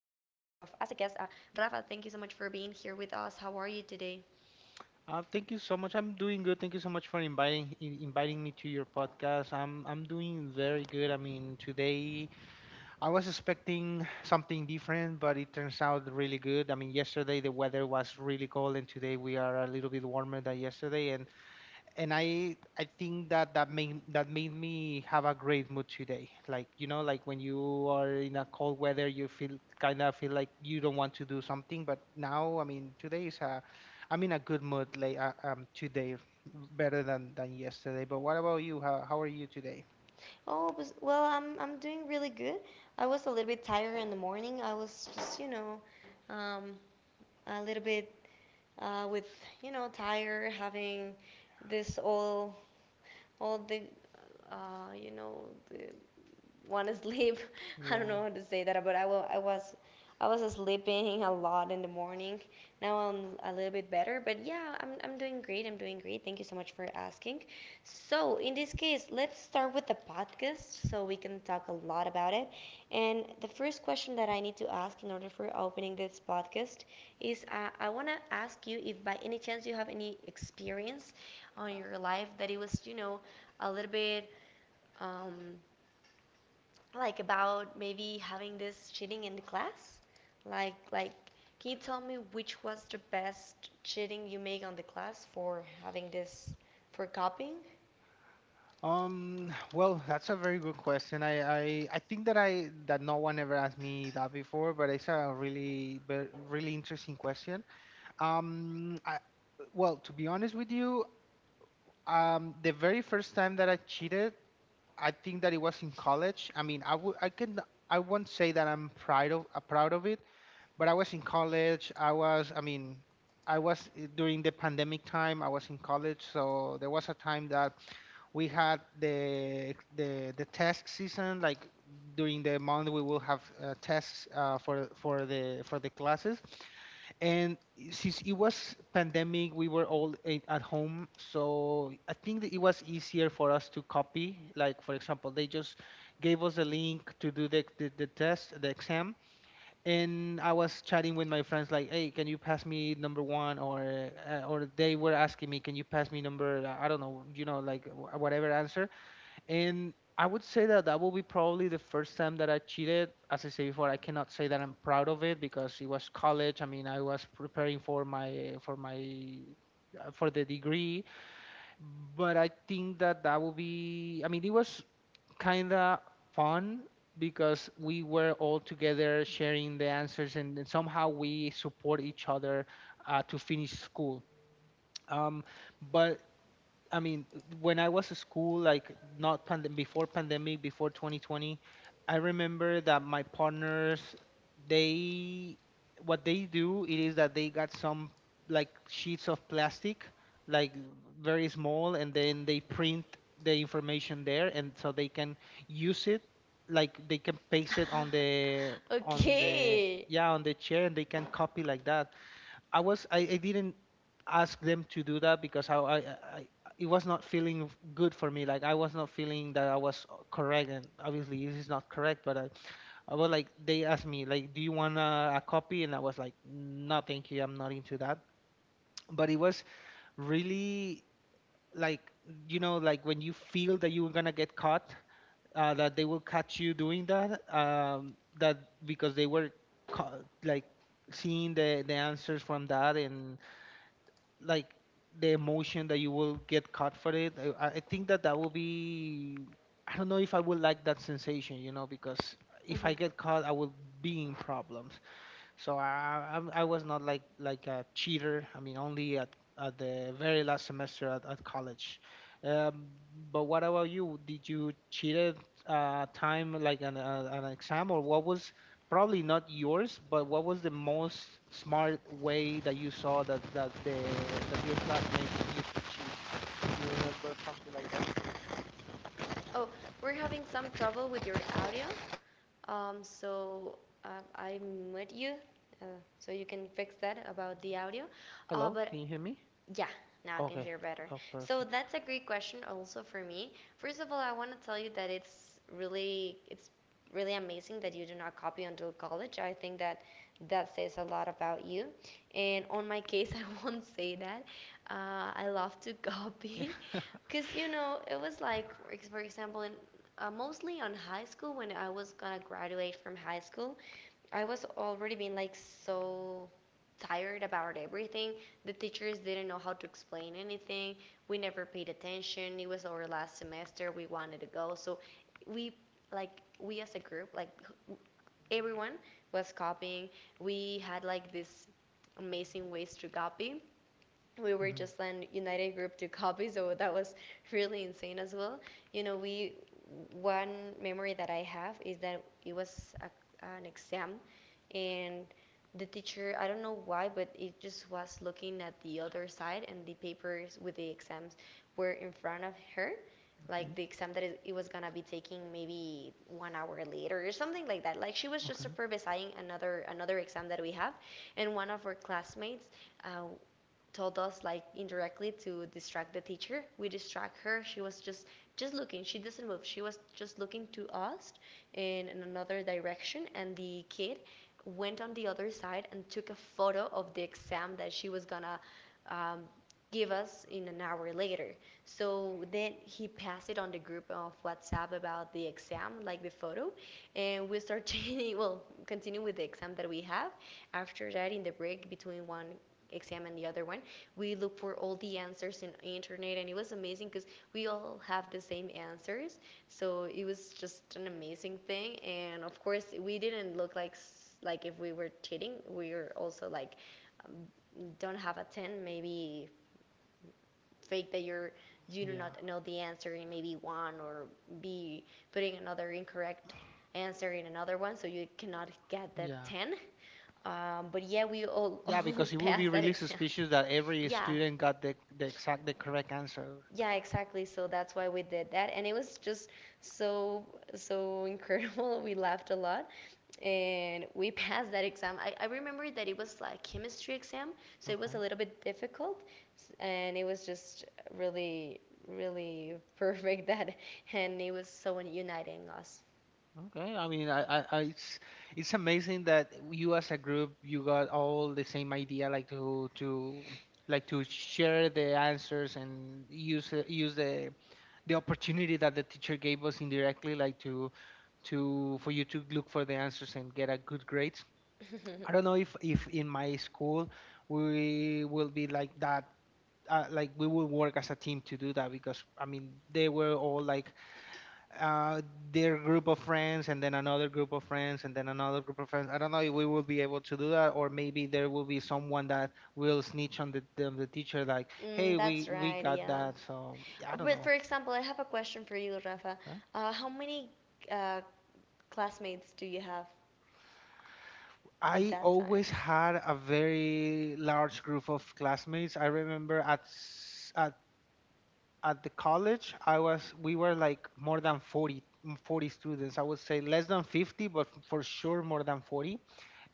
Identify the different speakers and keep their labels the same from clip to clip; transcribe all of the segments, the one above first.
Speaker 1: as a guest Rafa. Thank you so much for being here with us. How are you today?
Speaker 2: Thank you so much. I'm doing good. Thank you so much for inviting me to your podcast. I'm doing very good. I mean, today I was expecting something different, but it turns out really good. I mean, yesterday the weather was really cold, and today we are a little bit warmer than yesterday, and I think that that made me have a great mood today. Like you know, like when you are in a cold weather, you feel kind of feel like you don't want to do something. But now, I mean, today is a I'm in a good mood like today, better than yesterday. But what about you? How are you today?
Speaker 1: Well, I'm doing really good. I was a little bit tired in the morning. I was just, um, a little bit with, tired having this all the the want to sleep. I don't know
Speaker 2: Yeah.
Speaker 1: how to say that, but I will. I was sleeping a lot in the morning. Now I'm a little bit better, but yeah, I'm doing great. I'm doing great. Thank you so much for asking. So in this case, let's start with the podcast so we can talk a lot about it. And the first question that I need to ask in order for opening this podcast is I want to ask you if by any chance you have any experience on your life that it was a little bit um, like about maybe having this cheating in the class? Like, can you tell me which was the best cheating you make on the class for having this for copying?
Speaker 2: Well, that's a very good question. I think that I that no one ever asked me that before, but it's a really interesting question. Um, I, well, to be honest with you, the very first time that I cheated, I think that it was in college. I won't say that I'm proud of it, but I was in college. I mean, I was during the pandemic time. I was in college, so there was a time that we had the test season. Like during the month, we will have tests for the classes. And since it was pandemic, we were at home, so I think that it was easier for us to copy. Like for example, they just gave us a link to do the test, the exam, and I was chatting with my friends like, "Hey, can you pass me number one?" Or they were asking me, "Can you pass me number I don't know, you know, like whatever answer." And I would say that that will be probably the first time that I cheated. As I said before, I cannot say that I'm proud of it because it was college. I mean, I was preparing for my for the degree, but I think that that will be. I mean, it was kind of fun because we were all together sharing the answers and somehow we support each other to finish school. Um, but I mean, when I was at school, like not pandem before pandemic, before 2020, I remember that my partners, they, what they do, it is that they got some like sheets of plastic, like very small, and then they print the information there, and so they can use it, like they can paste it on the
Speaker 1: Okay.
Speaker 2: yeah on the chair, and they can copy like that. I didn't ask them to do that because I it was not feeling good for me. Like I was not feeling that I was correct, and obviously this is not correct. But I was like they asked me like, do you want a copy? And I was like, no, thank you, I'm not into that. But it was really like you know like when you feel that you're gonna get caught that they will catch you doing that because they were like seeing the answers from that and like the emotion that you will get caught for it. I think that that will be. I don't know if I will like that sensation, you know, because if
Speaker 1: Mhm.
Speaker 2: I get caught, I will be in problems. So I was not like a cheater. I mean, only at the very last semester at college. Um, but What about you? Did you cheated time like an exam, or what was probably not yours, but what was the most smart way that you saw that that the that your classmates used to cheat? Do you remember something like that?
Speaker 1: Oh, we're having some trouble with your audio. Um, so uh, I'm with you, uh, so you can fix that about the audio.
Speaker 2: Hello,
Speaker 1: But
Speaker 2: can you hear me?
Speaker 1: Yeah, now I can
Speaker 2: Okay.
Speaker 1: hear better.
Speaker 2: Oh,
Speaker 1: So
Speaker 2: perfect.
Speaker 1: that's a great question also for me. First of all, I want to tell you that it's really amazing that you do not copy until college. I think that that says a lot about you. And on my case, I won't say that. I love to copy because you know it was like for for example in mostly on high school when I was gonna graduate from high school. I was already being like so tired about everything. The teachers didn't know how to explain anything. We never paid attention. It was our last semester. We wanted to go. So we like we as a group, like everyone was copying. We had like this amazing ways to copy. We were
Speaker 2: Mhm.
Speaker 1: just an united group to copy, so that was really insane as well. You know, we one memory that I have is that it was a, an exam and the teacher, I don't know why, but it just was looking at the other side, and the papers with the exams were in front of her, like
Speaker 2: Okay.
Speaker 1: the exam that it was gonna be taking maybe 1 hour later or something like that. Like she was just
Speaker 2: Okay.
Speaker 1: supervising another exam that we have, and one of our classmates uh, told us like indirectly to distract the teacher. We distract her. She was just looking. She doesn't move. She was just looking to us in another direction, and the kid went on the other side and took a photo of the exam that she was gonna um, give us in an hour later. So then he passed it on the group of WhatsApp about the exam, like the photo, and we start changing. Well, continue with the exam that we have. After that, in the break between one exam and the other one, we look for all the answers in internet, and it was amazing because we all have the same answers, so it was just an amazing thing. And of course we didn't look like if we were cheating. We were also like um, don't have a 10, maybe fake that you do
Speaker 2: Yeah.
Speaker 1: not know the answer in maybe one, or be putting another incorrect answer in another one so you cannot get that
Speaker 2: Yeah.
Speaker 1: 10. But yeah, we
Speaker 2: Yeah,
Speaker 1: all
Speaker 2: because it would be
Speaker 1: passed that
Speaker 2: really
Speaker 1: exam.
Speaker 2: suspicious that every
Speaker 1: Yeah.
Speaker 2: student got the exact the correct answer.
Speaker 1: Yeah, exactly. So that's why we did that. And it was just so, so incredible. We laughed a lot and we passed that exam. I remember that it was like chemistry exam, so it was a
Speaker 2: Okay.
Speaker 1: little bit difficult and it was just really, really perfect that, and it was so uniting us.
Speaker 2: Okay. I mean, I it's amazing that you as a group you got all the same idea, like to like to share the answers and use the opportunity that the teacher gave us indirectly, like to for you to look for the answers and get a good grades. I don't know if in my school we will be like that, like we would work as a team to do that because I mean they were all like uh, their group of friends and then another group of friends and then another group of friends. I don't know if we will be able to do that, or maybe there will be someone that will snitch on the teacher like,
Speaker 1: Mm,
Speaker 2: hey,
Speaker 1: that's
Speaker 2: we
Speaker 1: right,
Speaker 2: got
Speaker 1: yeah.
Speaker 2: that. So yeah, I don't
Speaker 1: But for
Speaker 2: know.
Speaker 1: example, I have a question for you, Rafa.
Speaker 2: Okay.
Speaker 1: How many uh, classmates do you have at
Speaker 2: I
Speaker 1: that
Speaker 2: always
Speaker 1: time?
Speaker 2: had a very large group of classmates. I remember at s- at the college I was we were like more than 40, 40 students, I would say less than 50, but for sure more than 40.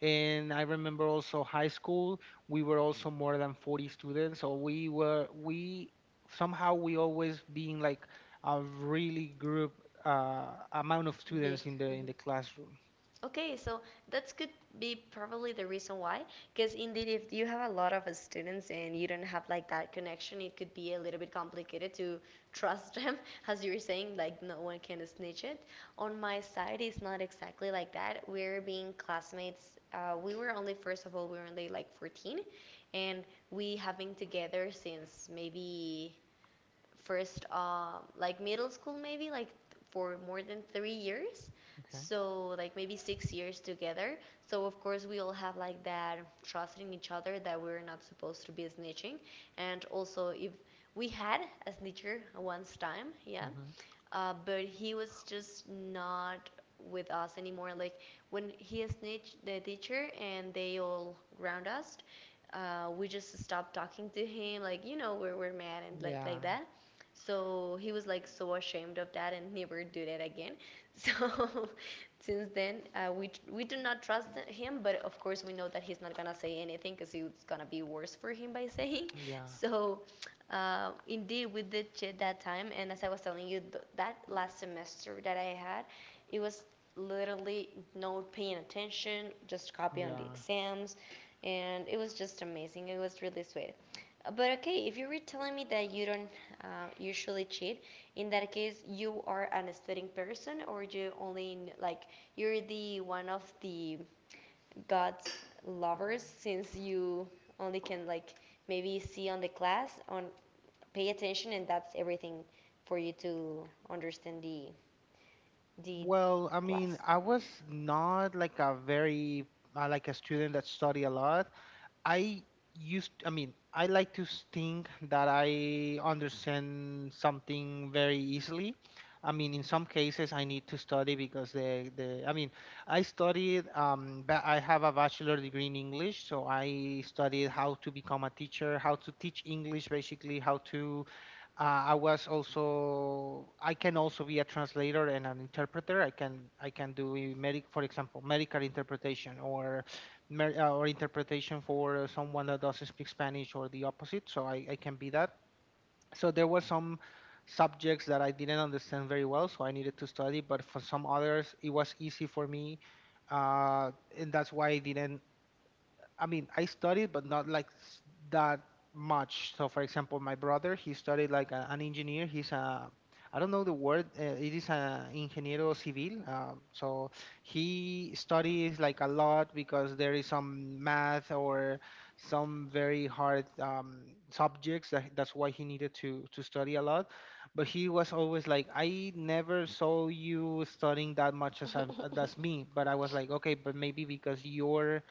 Speaker 2: And I remember also high school, we were also more than 40 students. So we were we somehow we always being like a really group, amount of
Speaker 1: Big.
Speaker 2: students in
Speaker 1: Mm-hmm.
Speaker 2: the classroom.
Speaker 1: Okay, so that could be probably the reason why, because indeed, if you have a lot of students and you don't have like that connection, it could be a little bit complicated to trust them, as you were saying, like no one can snitch it. On my side, it's not exactly like that. We're being classmates. We were only, first of all, we were only like 14, and we have been together since maybe first like middle school, maybe like for more than 3 years,
Speaker 2: Okay.
Speaker 1: so like maybe 6 years together. So of course we all have like that trust in each other, that we're not supposed to be snitching. And also if we had a snitcher once time, yeah,
Speaker 2: Hmm.
Speaker 1: but he was just not with us anymore. Like when he snitched the teacher and they all ground us, we just stopped talking to him. Like you know we're mad and
Speaker 2: Yeah.
Speaker 1: like that. So he was like so ashamed of that and never do that again. So since then we do not trust him, but of course we know that he's not gonna say anything because it's gonna be worse for him by saying.
Speaker 2: Yeah.
Speaker 1: So indeed, we did cheat that time, and as I was telling you, th that last semester that I had, it was literally no paying attention, just
Speaker 2: Yeah.
Speaker 1: copy on the
Speaker 2: Yeah.
Speaker 1: exams, and it was just amazing. It was really sweet. But okay, if you were telling me that you don't usually cheat, in that case, you are an studying person, or you only like you're the one of the God's lovers since you only can like maybe see on the class on pay attention, and that's everything for you to understand the
Speaker 2: Well, I mean,
Speaker 1: class.
Speaker 2: I was not like a very like a student that study a lot. I used, I mean, I like to think that I understand something very easily. I mean, in some cases, I need to study because the the. I mean, I studied. I have a bachelor degree in English, so I studied how to become a teacher, how to teach English, basically, how to. I was also. I can also be a translator and an interpreter. I can do medic, for example, medical interpretation or or interpretation for someone that doesn't speak Spanish or the opposite. So I can be that. So there were some subjects that I didn't understand very well, so I needed to study. But for some others, it was easy for me, uh, and that's why I didn't. I mean, I studied, but not like s- that much. So, for example, my brother, he studied like an engineer. I don't know the word. It is a ingeniero civil. So he studies like a lot because there is some math or some very hard subjects. That's why he needed to study a lot. But he was always like, I never saw you studying that much as as me. But I was like, okay, but maybe because you're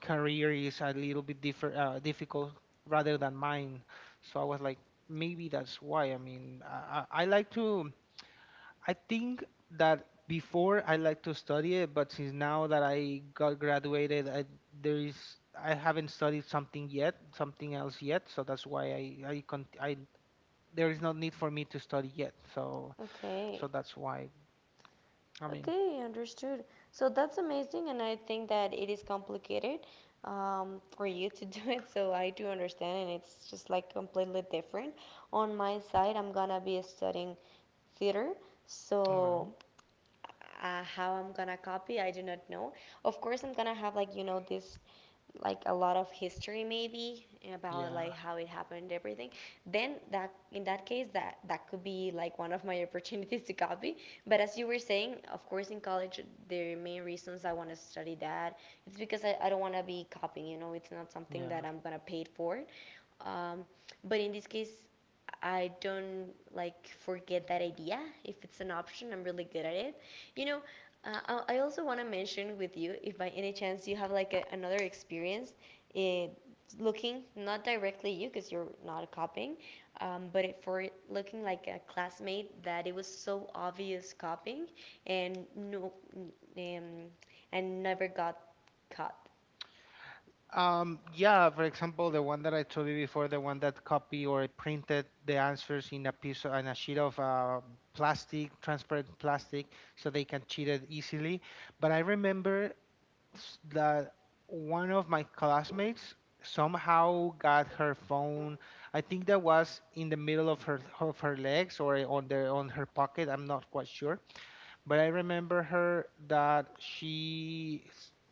Speaker 2: career is a little bit difficult rather than mine. So I was like, maybe that's why. I mean, I like to, I think that before I like to study it, but since now that I got graduated, there is, I haven't studied something yet, something else yet. So that's why there is no need for me to study yet. So, so
Speaker 1: Okay.
Speaker 2: that's why. I mean,
Speaker 1: Okay, understood. So that's amazing, and I think that it is complicated for you to do it. So I do understand, and it's just like completely different. On my side, I'm gonna be studying theater,
Speaker 2: all right.
Speaker 1: so how I'm gonna copy, I do not know. Of course, I'm gonna have like you know this like a lot of history maybe about like
Speaker 2: Yeah.
Speaker 1: how it happened everything. Then that in that case, that that could be like one of my opportunities to copy. But as you were saying, of course in college the main reasons I want to study that, it's because I don't want to be copying. You know, it's not something
Speaker 2: Yeah.
Speaker 1: that I'm gonna pay for. um, but in this case, I don't like forget that idea. If it's an option, I'm really good at it. You know, uh, I also want to mention with you, if by any chance you have like a, another experience, eh, looking not directly you because you're not copying, but it, for it looking like a classmate that it was so obvious copying and no, um, and never got caught.
Speaker 2: Yeah, for example, the one that I told you before, the one that copy or printed the answers in on a sheet of plastic, transparent plastic, so they can cheat it easily. But I remember s- that one of my classmates somehow got her phone. I think that was in the middle of her legs or on the on her pocket. I'm not quite sure, but I remember her that she, I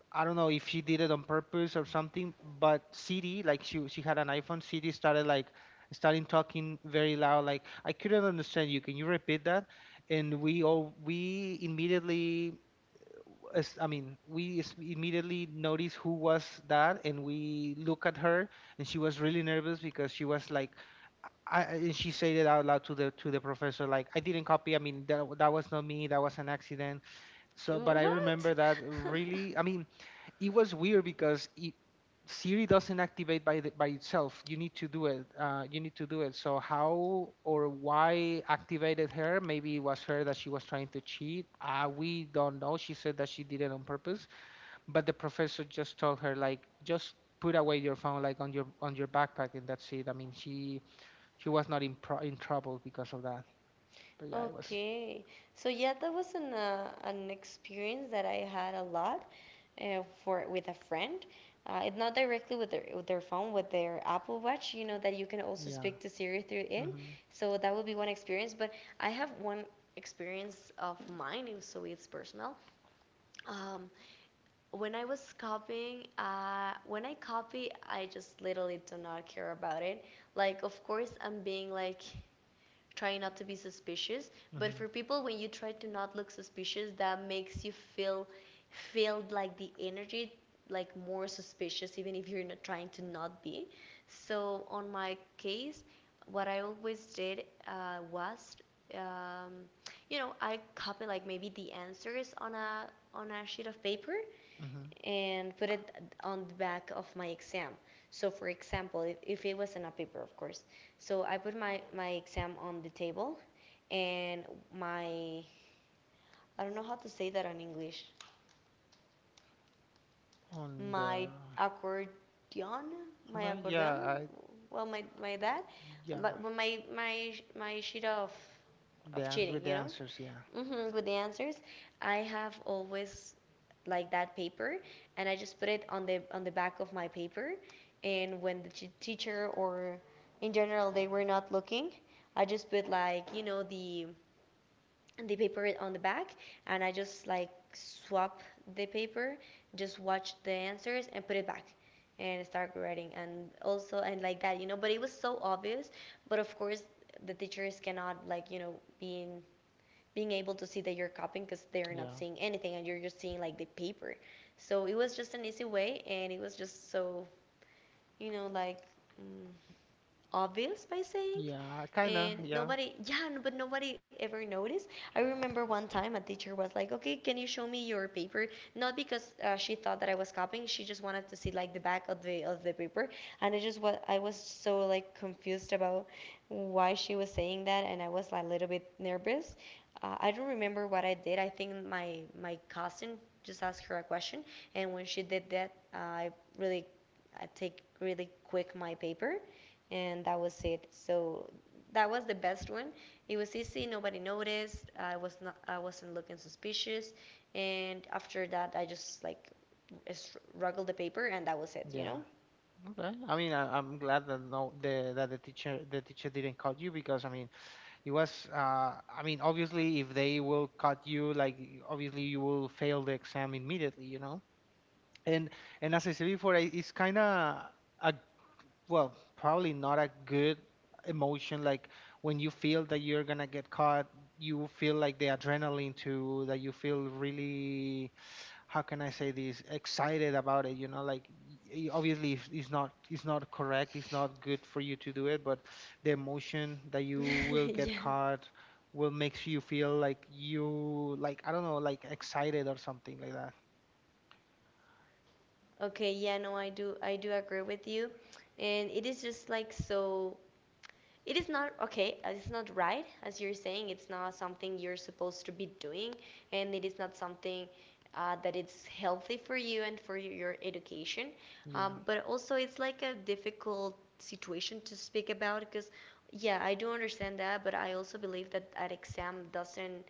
Speaker 2: I don't know if she did it on purpose or something, but Siri, like she had an iPhone. Siri started like starting talking very loud, like I couldn't understand you. Can you repeat that? And we all we immediately I mean, immediately noticed who was that, and we look at her, and she was really nervous because she was like, and she said it out loud to the professor, like, I didn't copy. I mean, that was not me. That was an accident. So, but I
Speaker 1: What?
Speaker 2: remember that really. I mean, it was weird because Siri doesn't activate by itself. You need to do it. You need to do it. So how or why activated her? Maybe it was her that she was trying to cheat. We don't know. She said that she did it on purpose, but the professor just told her like just put away your phone like on your backpack, and that's it. I mean she was not in trouble because of that. But yeah, it was
Speaker 1: Okay. So yeah, that was an experience that I had a lot for with a friend. It not directly with their phone, with their Apple Watch. You know that you can also
Speaker 2: yeah.
Speaker 1: speak to Siri through it.
Speaker 2: Mhm.
Speaker 1: So that would be one experience. But I have one experience of mine, so it's personal. Um, when I was copying, when I copy, I just literally do not care about it. Like, of course, I'm being like try not to be suspicious, but
Speaker 2: Mhm.
Speaker 1: for people when you try to not look suspicious, that makes you feel feel like the energy like more suspicious even if you're not trying to not be. So on my case, what I always did was um, you know, I copy like maybe the answers on a sheet of paper
Speaker 2: Mhm.
Speaker 1: and put it on the back of my exam. So, for example, if it was in a paper, of course. So, I put my, my exam on the table, and my, I don't know how to say that in English,
Speaker 2: On
Speaker 1: my
Speaker 2: the
Speaker 1: accordion, my
Speaker 2: okay, yeah,
Speaker 1: accordion,
Speaker 2: I
Speaker 1: well, my dad,
Speaker 2: yeah.
Speaker 1: but my sheet
Speaker 2: The
Speaker 1: of
Speaker 2: ans With
Speaker 1: cheating,
Speaker 2: the
Speaker 1: you know?
Speaker 2: answers, yeah,
Speaker 1: Hmm, with the answers, I have always like that paper, and I just put it on the back of my paper. And when the teacher or in general they were not looking, I just put like the paper on the back, and I just like swap the paper, just watch the answers and put it back and start writing and also and like that, but it was so obvious. But of course the teachers cannot like be in being able to see that you're copying, because they're not
Speaker 2: yeah,
Speaker 1: seeing anything and you're just seeing like the paper. So it was just an easy way, and it was just so, like, mm, obvious by saying.
Speaker 2: yeah, kinda,
Speaker 1: And
Speaker 2: yeah,
Speaker 1: nobody, yeah, but nobody ever noticed. I remember one time a teacher was like, "Okay, can you show me your paper?" Not because she thought that I was copying, she just wanted to see like the back of the paper. And I just was, I was so like confused about why she was saying that, and I was like a little bit nervous. I don't remember what I did. I think my cousin just asked her a question, and when she did that, I really, I take really quick my paper, and that was it. So that was the best one. It was easy. Nobody noticed. I was not. I wasn't looking suspicious. And after that, I just like struggled the paper, and that was it. You
Speaker 2: yeah.
Speaker 1: know?
Speaker 2: Okay. I mean, I'm glad that no, the that the teacher didn't cut you because I mean, it was. I mean, obviously, if they will cut you, like obviously you will fail the exam immediately, you know. And as I said before, it's kinda a well, probably not a good emotion. Like when you feel that you're gonna get caught, you feel like the adrenaline too, that you feel really how can I say this excited about it, you know, like obviously it's not it's not correct, it's not good for you to do it, but the emotion that you will get
Speaker 1: Yeah.
Speaker 2: caught will makes you feel like you, like I don't know, like excited or something like that.
Speaker 1: Okay. Yeah. No, I do. I do agree with you. And it is just like so, it is not okay, it's not right. As you're saying, it's not something you're supposed to be doing, and it is not something that it's healthy for you and for your education.
Speaker 2: Yeah,
Speaker 1: But also it's like a difficult situation to speak about, because yeah, I do understand that, but I also believe that an exam doesn't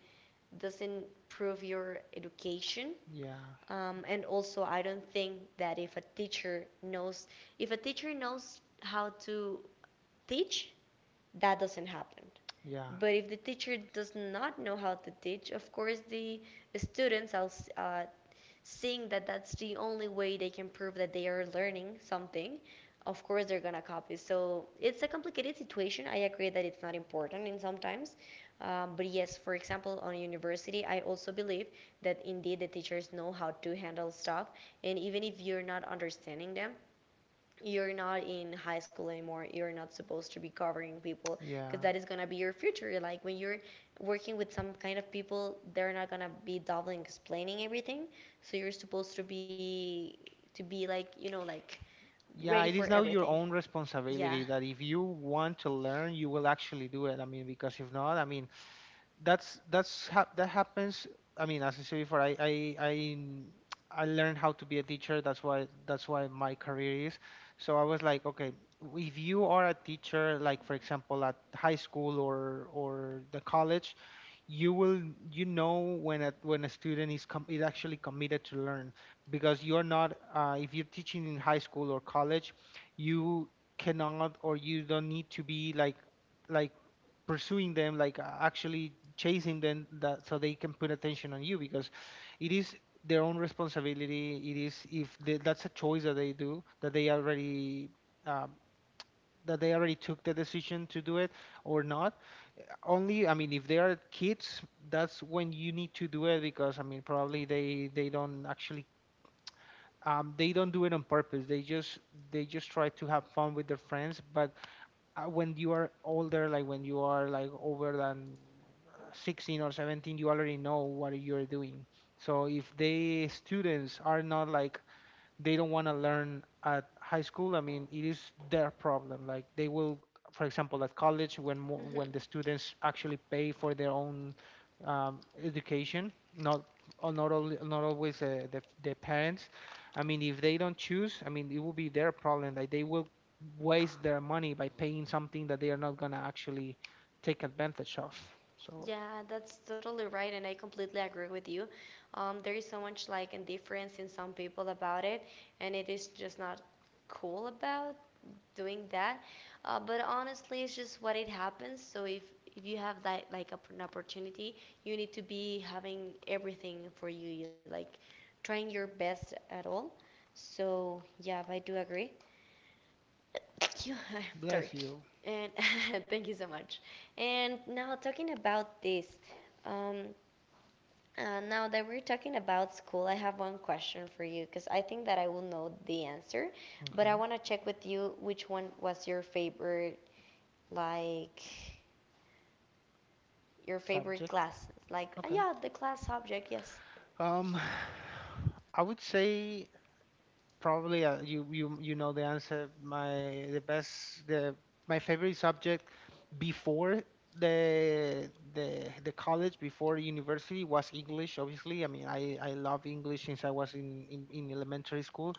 Speaker 1: doesn't prove your education.
Speaker 2: yeah,
Speaker 1: And also I don't think that if a teacher knows how to teach, that doesn't happen.
Speaker 2: yeah,
Speaker 1: But if the teacher does not know how to teach, of course the students are uh, seeing that that's the only way they can prove that they are learning something. Of course, they're gonna copy. So it's a complicated situation. I agree that it's not important in sometimes, but yes, for example, on university, I also believe that indeed the teachers know how to handle stuff, and even if you're not understanding them, you're not in high school anymore. You're not supposed to be covering people, because
Speaker 2: yeah.
Speaker 1: that is going to be your future. Like when you're working with some kind of people, they're not going to be doubling explaining everything. So you're supposed to be, like, like, ready
Speaker 2: Yeah,
Speaker 1: for
Speaker 2: it is now your
Speaker 1: everything.
Speaker 2: own
Speaker 1: Yeah.
Speaker 2: responsibility that if you want to learn you will actually do it. I mean, because if not, I mean that's hap that happens. I mean, as I said before, I I learned how to be a teacher. That's why my career is. So I was like, okay, if you are a teacher, like for example at high school or the college, you will you know when a student is is actually committed to learn because you're not if you're teaching in high school or college you cannot or you don't need to be like pursuing them like, actually chasing them that so they can put attention on you because it is their own responsibility. It is if they, that's a choice that they do, um, that they already took the decision to do it or not. Only I mean if they are kids, that's when you need to do it because I mean probably they don't actually they don't do it on purpose, they just try to have fun with their friends. But when you are older, like when you are like over than uh, 16 or 17, you already know what you're doing. So if they students are not like they don't want to learn at high school, I mean, it is their problem. Like they will, for example, at college, when when the
Speaker 1: Hmm.
Speaker 2: students actually pay for their own education, not or not only, not always the parents. I mean, if they don't choose, I mean, it will be their problem. Like they will waste their money by paying something that they are not gonna actually take advantage of. So
Speaker 1: Yeah, that's totally right, and I completely agree with you. There is so much like indifference in some people about it, and it is just not cool about doing that. But honestly, it's just what it happens. So if you have that like an opportunity, you need to be having everything for you. You like trying your best at all. So yeah, I do agree. You, sorry,
Speaker 2: bless you.
Speaker 1: and thank you so much. And now talking about this, um, now that we're talking about school, I have one question for you, because I think that I will know the answer, but I
Speaker 2: Okay.
Speaker 1: want to check with you which one was your favorite, like your favorite
Speaker 2: Subject.
Speaker 1: classes, like
Speaker 2: Okay.
Speaker 1: yeah, the class subject, yes.
Speaker 2: Um, I would say probably you you know the answer. My favorite subject before the college, before university, was English. Obviously, I mean I love English since I was in in elementary school.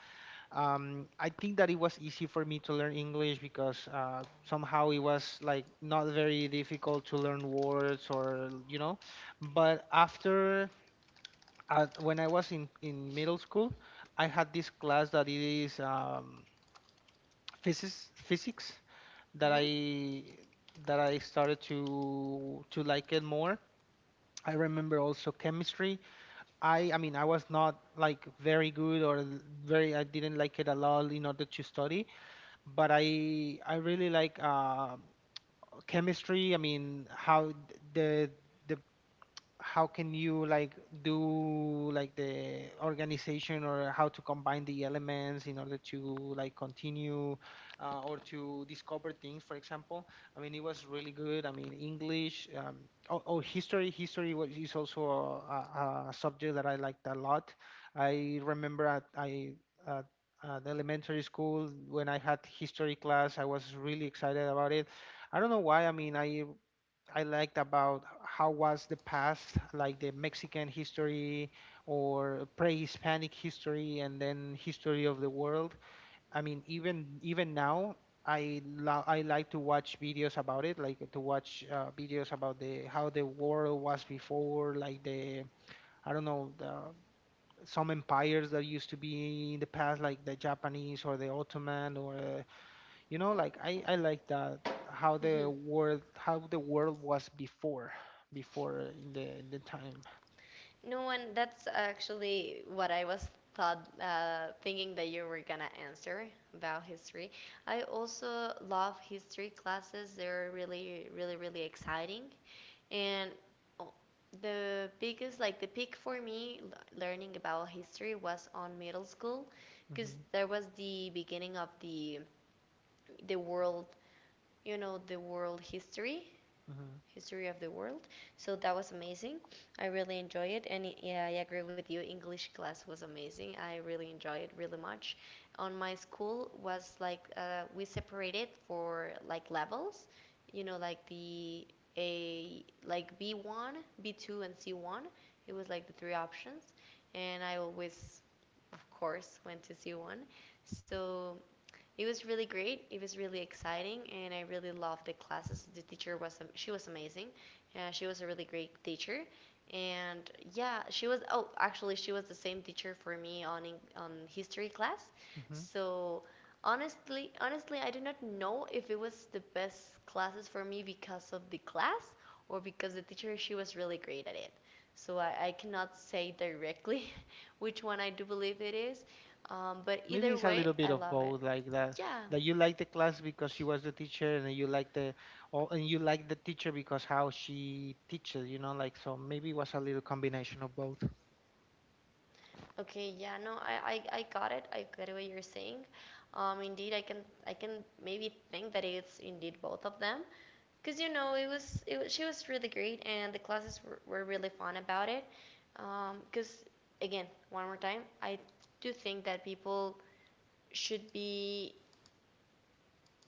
Speaker 2: I think that it was easy for me to learn English because somehow it was like not very difficult to learn words or you know. But after at, when I was in middle school, I had this class that is physics that
Speaker 1: Hmm.
Speaker 2: I started to like it more. I remember also chemistry. I mean I was not like very good or very, I didn't like it a lot in order to study, but I really like chemistry. I mean how the the how can you like do like the organization or how to combine the elements in order to like continue, or to discover things for example. I mean it was really good. I mean English. Oh history was, is also a subject that I liked a lot. I remember at, at elementary school when I had history class I was really excited about it. I don't know why. I mean, I liked about how was the past, like the Mexican history or pre-Hispanic history and then history of the world. I mean, even now, I like to watch videos about it, like to watch, videos about the how the world was before, like the I don't know, the some empires that used to be in the past, like the Japanese or the Ottoman or, you know, like I like that how
Speaker 1: Hmm.
Speaker 2: the world was before in the time.
Speaker 1: No one. That's actually what I was thought, thinking that you were gonna answer about history. I also love history classes. They're really, really, really exciting. And oh, the biggest, like the peak for me, learning about history was on middle school, because
Speaker 2: Hmm.
Speaker 1: there was the beginning of the world, you know, the world history,
Speaker 2: Hmm.
Speaker 1: history of the world. So that was amazing. I really enjoy it, and yeah, I agree with you. English class was amazing. I really enjoy it really much. On my school was like, we separated for like levels, you know, like the a like B1, B2, and C1. It was like the three options, and I always, of course, went to C1. So it was really great. It was really exciting, and I really loved the classes. The teacher was, she was amazing. She was a really great teacher, and yeah, she was. Oh, actually, she was the same teacher for me on on history class.
Speaker 2: Hmm.
Speaker 1: So honestly, honestly, I do not know if it was the best classes for me because of the class or because the teacher, she was really great at it. So I cannot say directly which one I do believe it is, but
Speaker 2: Maybe
Speaker 1: either
Speaker 2: it's a
Speaker 1: way,
Speaker 2: little bit
Speaker 1: I
Speaker 2: of
Speaker 1: love it.
Speaker 2: both, like that
Speaker 1: Yeah.
Speaker 2: you like the class because she was the teacher, and you like the oh, and you like the teacher because how she teaches. You know, like so maybe it was a little combination of both.
Speaker 1: Okay. Yeah. No, I got it. I get what you're saying. Indeed, I can, I can maybe think that it's indeed both of them, because you know, it was, it was, she was really great and the classes were really fun about it. Because again, one more time, I do think that people should be,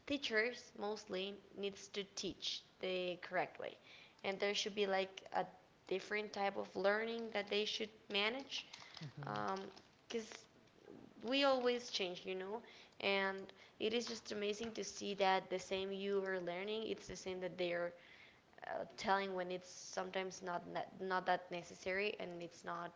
Speaker 1: teachers mostly needs to teach the correct way, and there should be like a different type of learning that they should manage.
Speaker 2: Hmm.
Speaker 1: um because we always change, you know, and it is just amazing to see that the same you are learning, it's the same that they are telling, when it's sometimes not, not that necessary and it's not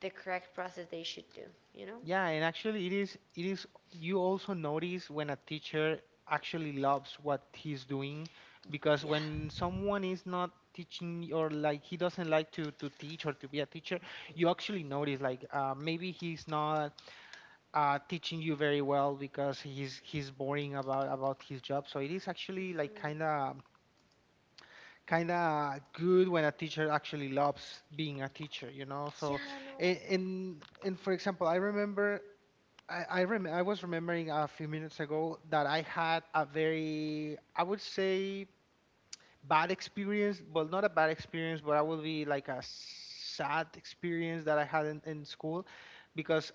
Speaker 1: the correct process they should do, you know?
Speaker 2: Yeah, and actually it is you also notice when a teacher actually loves what he's doing because
Speaker 1: Yeah.
Speaker 2: when someone is not teaching, or like he doesn't like to teach or to be a teacher, you actually notice like, maybe he's not teaching you very well because he's boring about his job. So it is actually like kind
Speaker 1: Hmm.
Speaker 2: of good when a teacher actually loves being a teacher, you know? So
Speaker 1: Yeah, no.
Speaker 2: and for example, I remember I was remembering a few minutes ago that I had a very, I would say, bad experience, well not a bad experience, but I would be like a sad experience that I had in school because,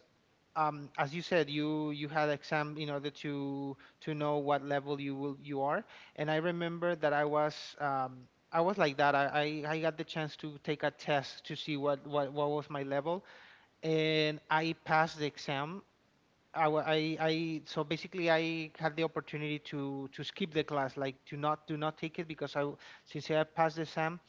Speaker 2: as you said, you had exam in order to know what level you will you are. And I remember that I was like that. I got the chance to take a test to see what was my level, and I passed the exam. I so basically I had the opportunity to skip the class, like to not take it because I, since I passed the exam,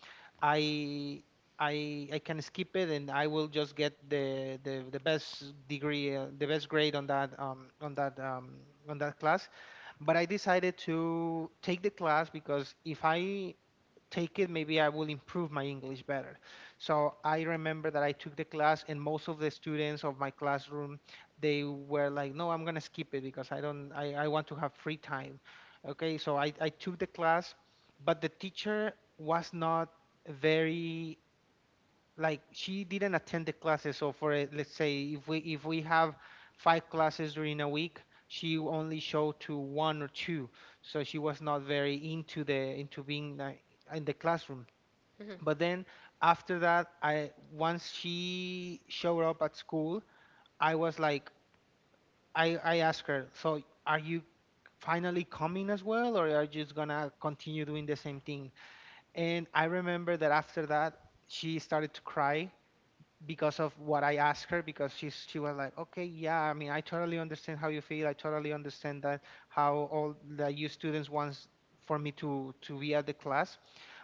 Speaker 2: I I can skip it and I will just get the best degree, the best grade on that, on that, on that class. But I decided to take the class because if I take it, maybe I will improve my English better. So I remember that I took the class, and most of the students of my classroom, they were like, "No, I'm gonna skip it because I don't, I want to have free time." Okay, so I took the class, but the teacher was not very, like she didn't attend the classes. So for, let's say if we have five classes during a week, she only showed to one or two. So she was not very into the into being, in the classroom. But then after that, I once she showed up at school, I was like, I asked her, so are you finally coming as well, or are you just gonna continue doing the same thing? And I remember that after that, she started to cry because of what I asked her, because she was like, okay, yeah, I mean, I totally understand how you feel. I totally understand that how all that you students wants for me to be at the class,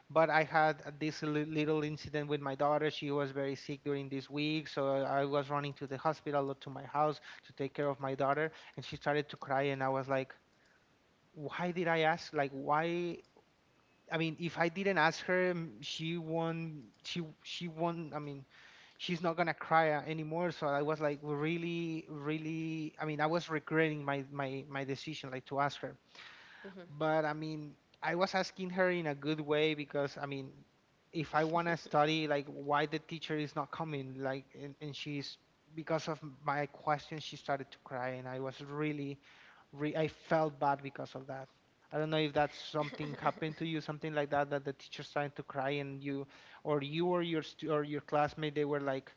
Speaker 2: but I had this little incident with my daughter. She was very sick during this week, so I was running to the hospital or to my house to take care of my daughter, and she started to cry, and I was like, "Why did I ask? Like, why?" I mean, if I didn't ask her, she won't. She won't. I mean, she's not gonna cry, anymore. So I was like, really, really. I mean, I was regretting my decision, like to ask her.
Speaker 1: Hmm.
Speaker 2: But I mean, I was asking her in a good way because I mean, if I want
Speaker 1: Hmm.
Speaker 2: to study, like, why the teacher is not coming? Like, and she's, because of my question, she started to cry, and I was really, re I felt bad because of that. I don't know if that's something happened to you, something like that, that the teacher started to cry, and you, or you or your stu or your classmate, they were like,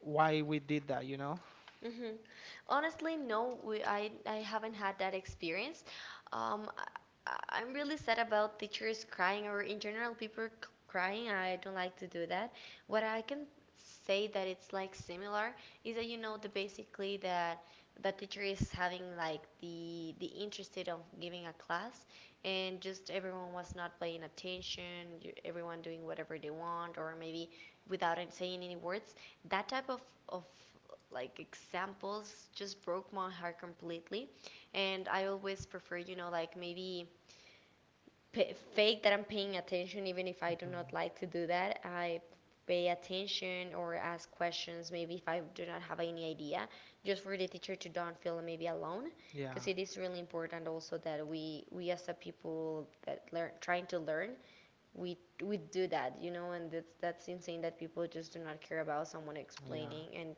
Speaker 2: why we did that, you know?
Speaker 1: Hmm. Honestly, no, we, I haven't had that experience. Um, I, I- I'm really sad about teachers crying, or in general people crying. I don't like to do that. What I can say that it's like similar is that, you know, the basically that the teacher is having like the interested of giving a class, and just everyone was not paying attention, you- everyone doing whatever they want, or maybe without saying any words, that type of of like examples just broke my heart completely. And I always prefer, you know, like maybe fake that I'm paying attention, even if I do not
Speaker 2: Hmm.
Speaker 1: like to do that. I pay attention or ask questions, maybe if I do not have any idea, just for the teacher to don't feel maybe alone, because
Speaker 2: Yeah,
Speaker 1: it is really important also that we as a people that learn, trying to learn, we we do that, you know. And that's insane that people just do not care about someone
Speaker 2: yeah,
Speaker 1: explaining,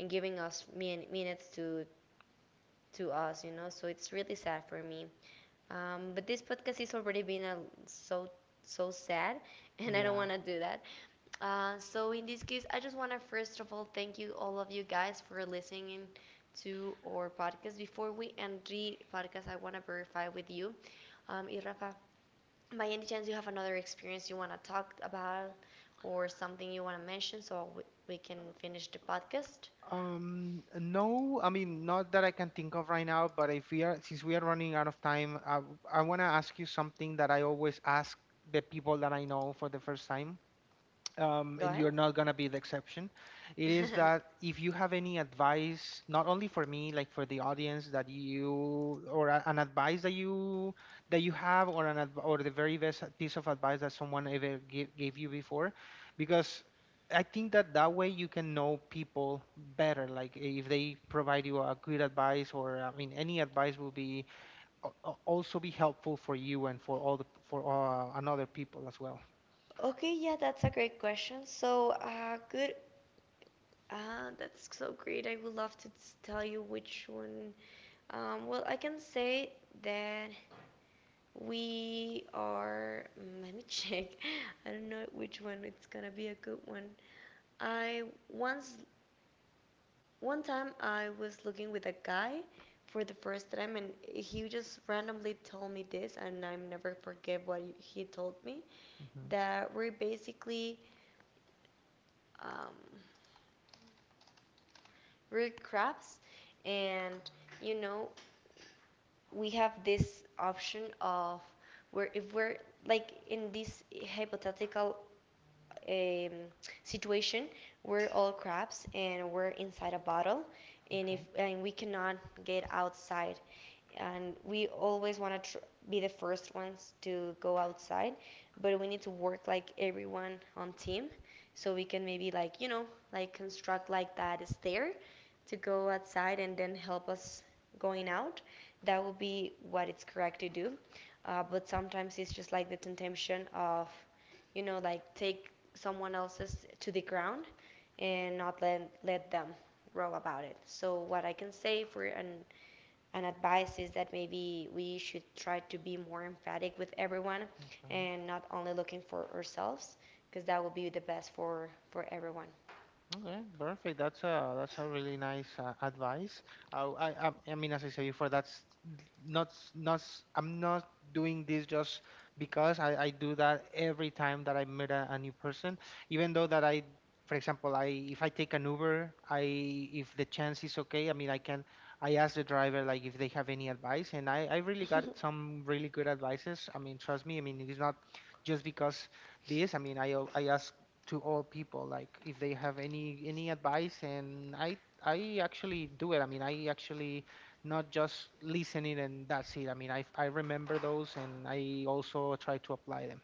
Speaker 1: and giving us minutes to us, you know. So it's really sad for me. But this podcast is already been a, so, so sad, and I don't
Speaker 2: yeah.
Speaker 1: want to do that. So in this case, I just want to, first of all, thank you, all of you guys, for listening to our podcast. Before we end the podcast, I want to verify with you, Rafa, by any chance you have another experience you want to talk about, or something you want to mention, so we can finish the podcast?
Speaker 2: No, I mean, not that I can think of right now, but if we are, since we are running out of time, I want to ask you something that I always ask the people that I know for the first time,
Speaker 1: Go ahead.
Speaker 2: and you're not gonna be the exception. It is that if you have any advice, not only for me, like for the audience, that you or an advice that you have, or an or the very best piece of advice that someone ever gave you before, because I think that that way you can know people better. Like if they provide you a good advice, or I mean, any advice will be also be helpful for you and for all the for, another people as well.
Speaker 1: Okay, yeah, that's a great question. So, good. That's so great. I would love to tell you which one. Well, I can say that we are. Let me check. I don't know which one. It's gonna be a good one. I once, one time, I was looking with a guy for the first time, and he just randomly told me this, and I never forget what he told me.
Speaker 2: Hmm.
Speaker 1: That we're basically. Um, Root crabs, and you know, we have this option of where if we're like in this hypothetical um, situation. We're all crabs and we're inside a bottle, and if,
Speaker 2: Okay.
Speaker 1: and we cannot get outside, and we always want to be the first ones to go outside, but we need to work like everyone on team, so we can maybe, like, you know, like construct like that stair to go outside and then help us going out. That would be what it's correct to do. But sometimes it's just like the temptation of, you know, like take someone else's to the ground and not let, let them grow about it. So what I can say for an advice is that maybe we should try to be more emphatic with everyone
Speaker 2: Okay.
Speaker 1: and not only looking for ourselves, because that will be the best for everyone.
Speaker 2: Okay, perfect. That's a really nice, advice. I mean, as I said before, that's not. I'm not doing this just because I do that every time that I meet a new person. Even though that for example, I if I take an Uber, I if the chance is okay, I mean, I can I ask the driver like if they have any advice, and I really got some really good advices. I mean, trust me. I mean, it's not just because this. I mean, I ask to all people like if they have any advice, and I actually do it. I mean, I actually not just listening and that's it. I mean I remember those and I also try to apply them.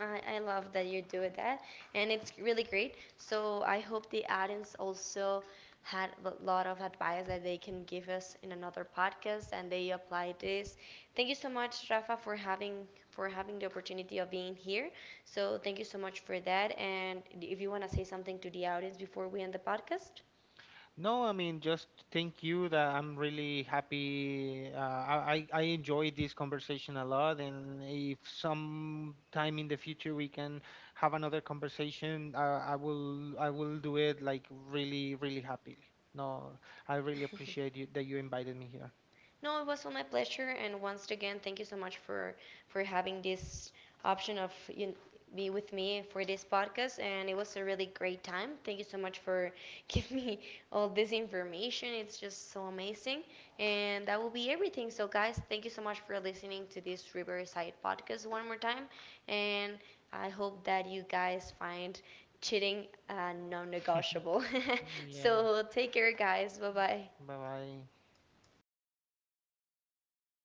Speaker 1: I love that you do that, and it's really great. So I hope the audience also had a lot of advice that they can give us in another podcast, and they apply this. Thank you so much, Rafa, for having, for having the opportunity of being here. So thank you so much for that. And if you want to say something to the audience before we end the podcast.
Speaker 2: No, I mean, just thank you that I'm really happy. I enjoyed this conversation a lot, and if sometime in the future we can have another conversation, I will do it like really, really happily. No, I really appreciate you that you invited me here.
Speaker 1: No, it was all my pleasure, and once again, thank you so much for having this option of you be with me for this podcast. And it was a really great time. Thank you so much for giving me all this information. It's just so amazing, and that will be everything. So, guys, thank you so much for listening to this Riverside podcast one more time, and I hope that you guys find cheating, non-negotiable.
Speaker 2: Yeah,
Speaker 1: So, take care, guys. Bye bye.
Speaker 2: bye bye.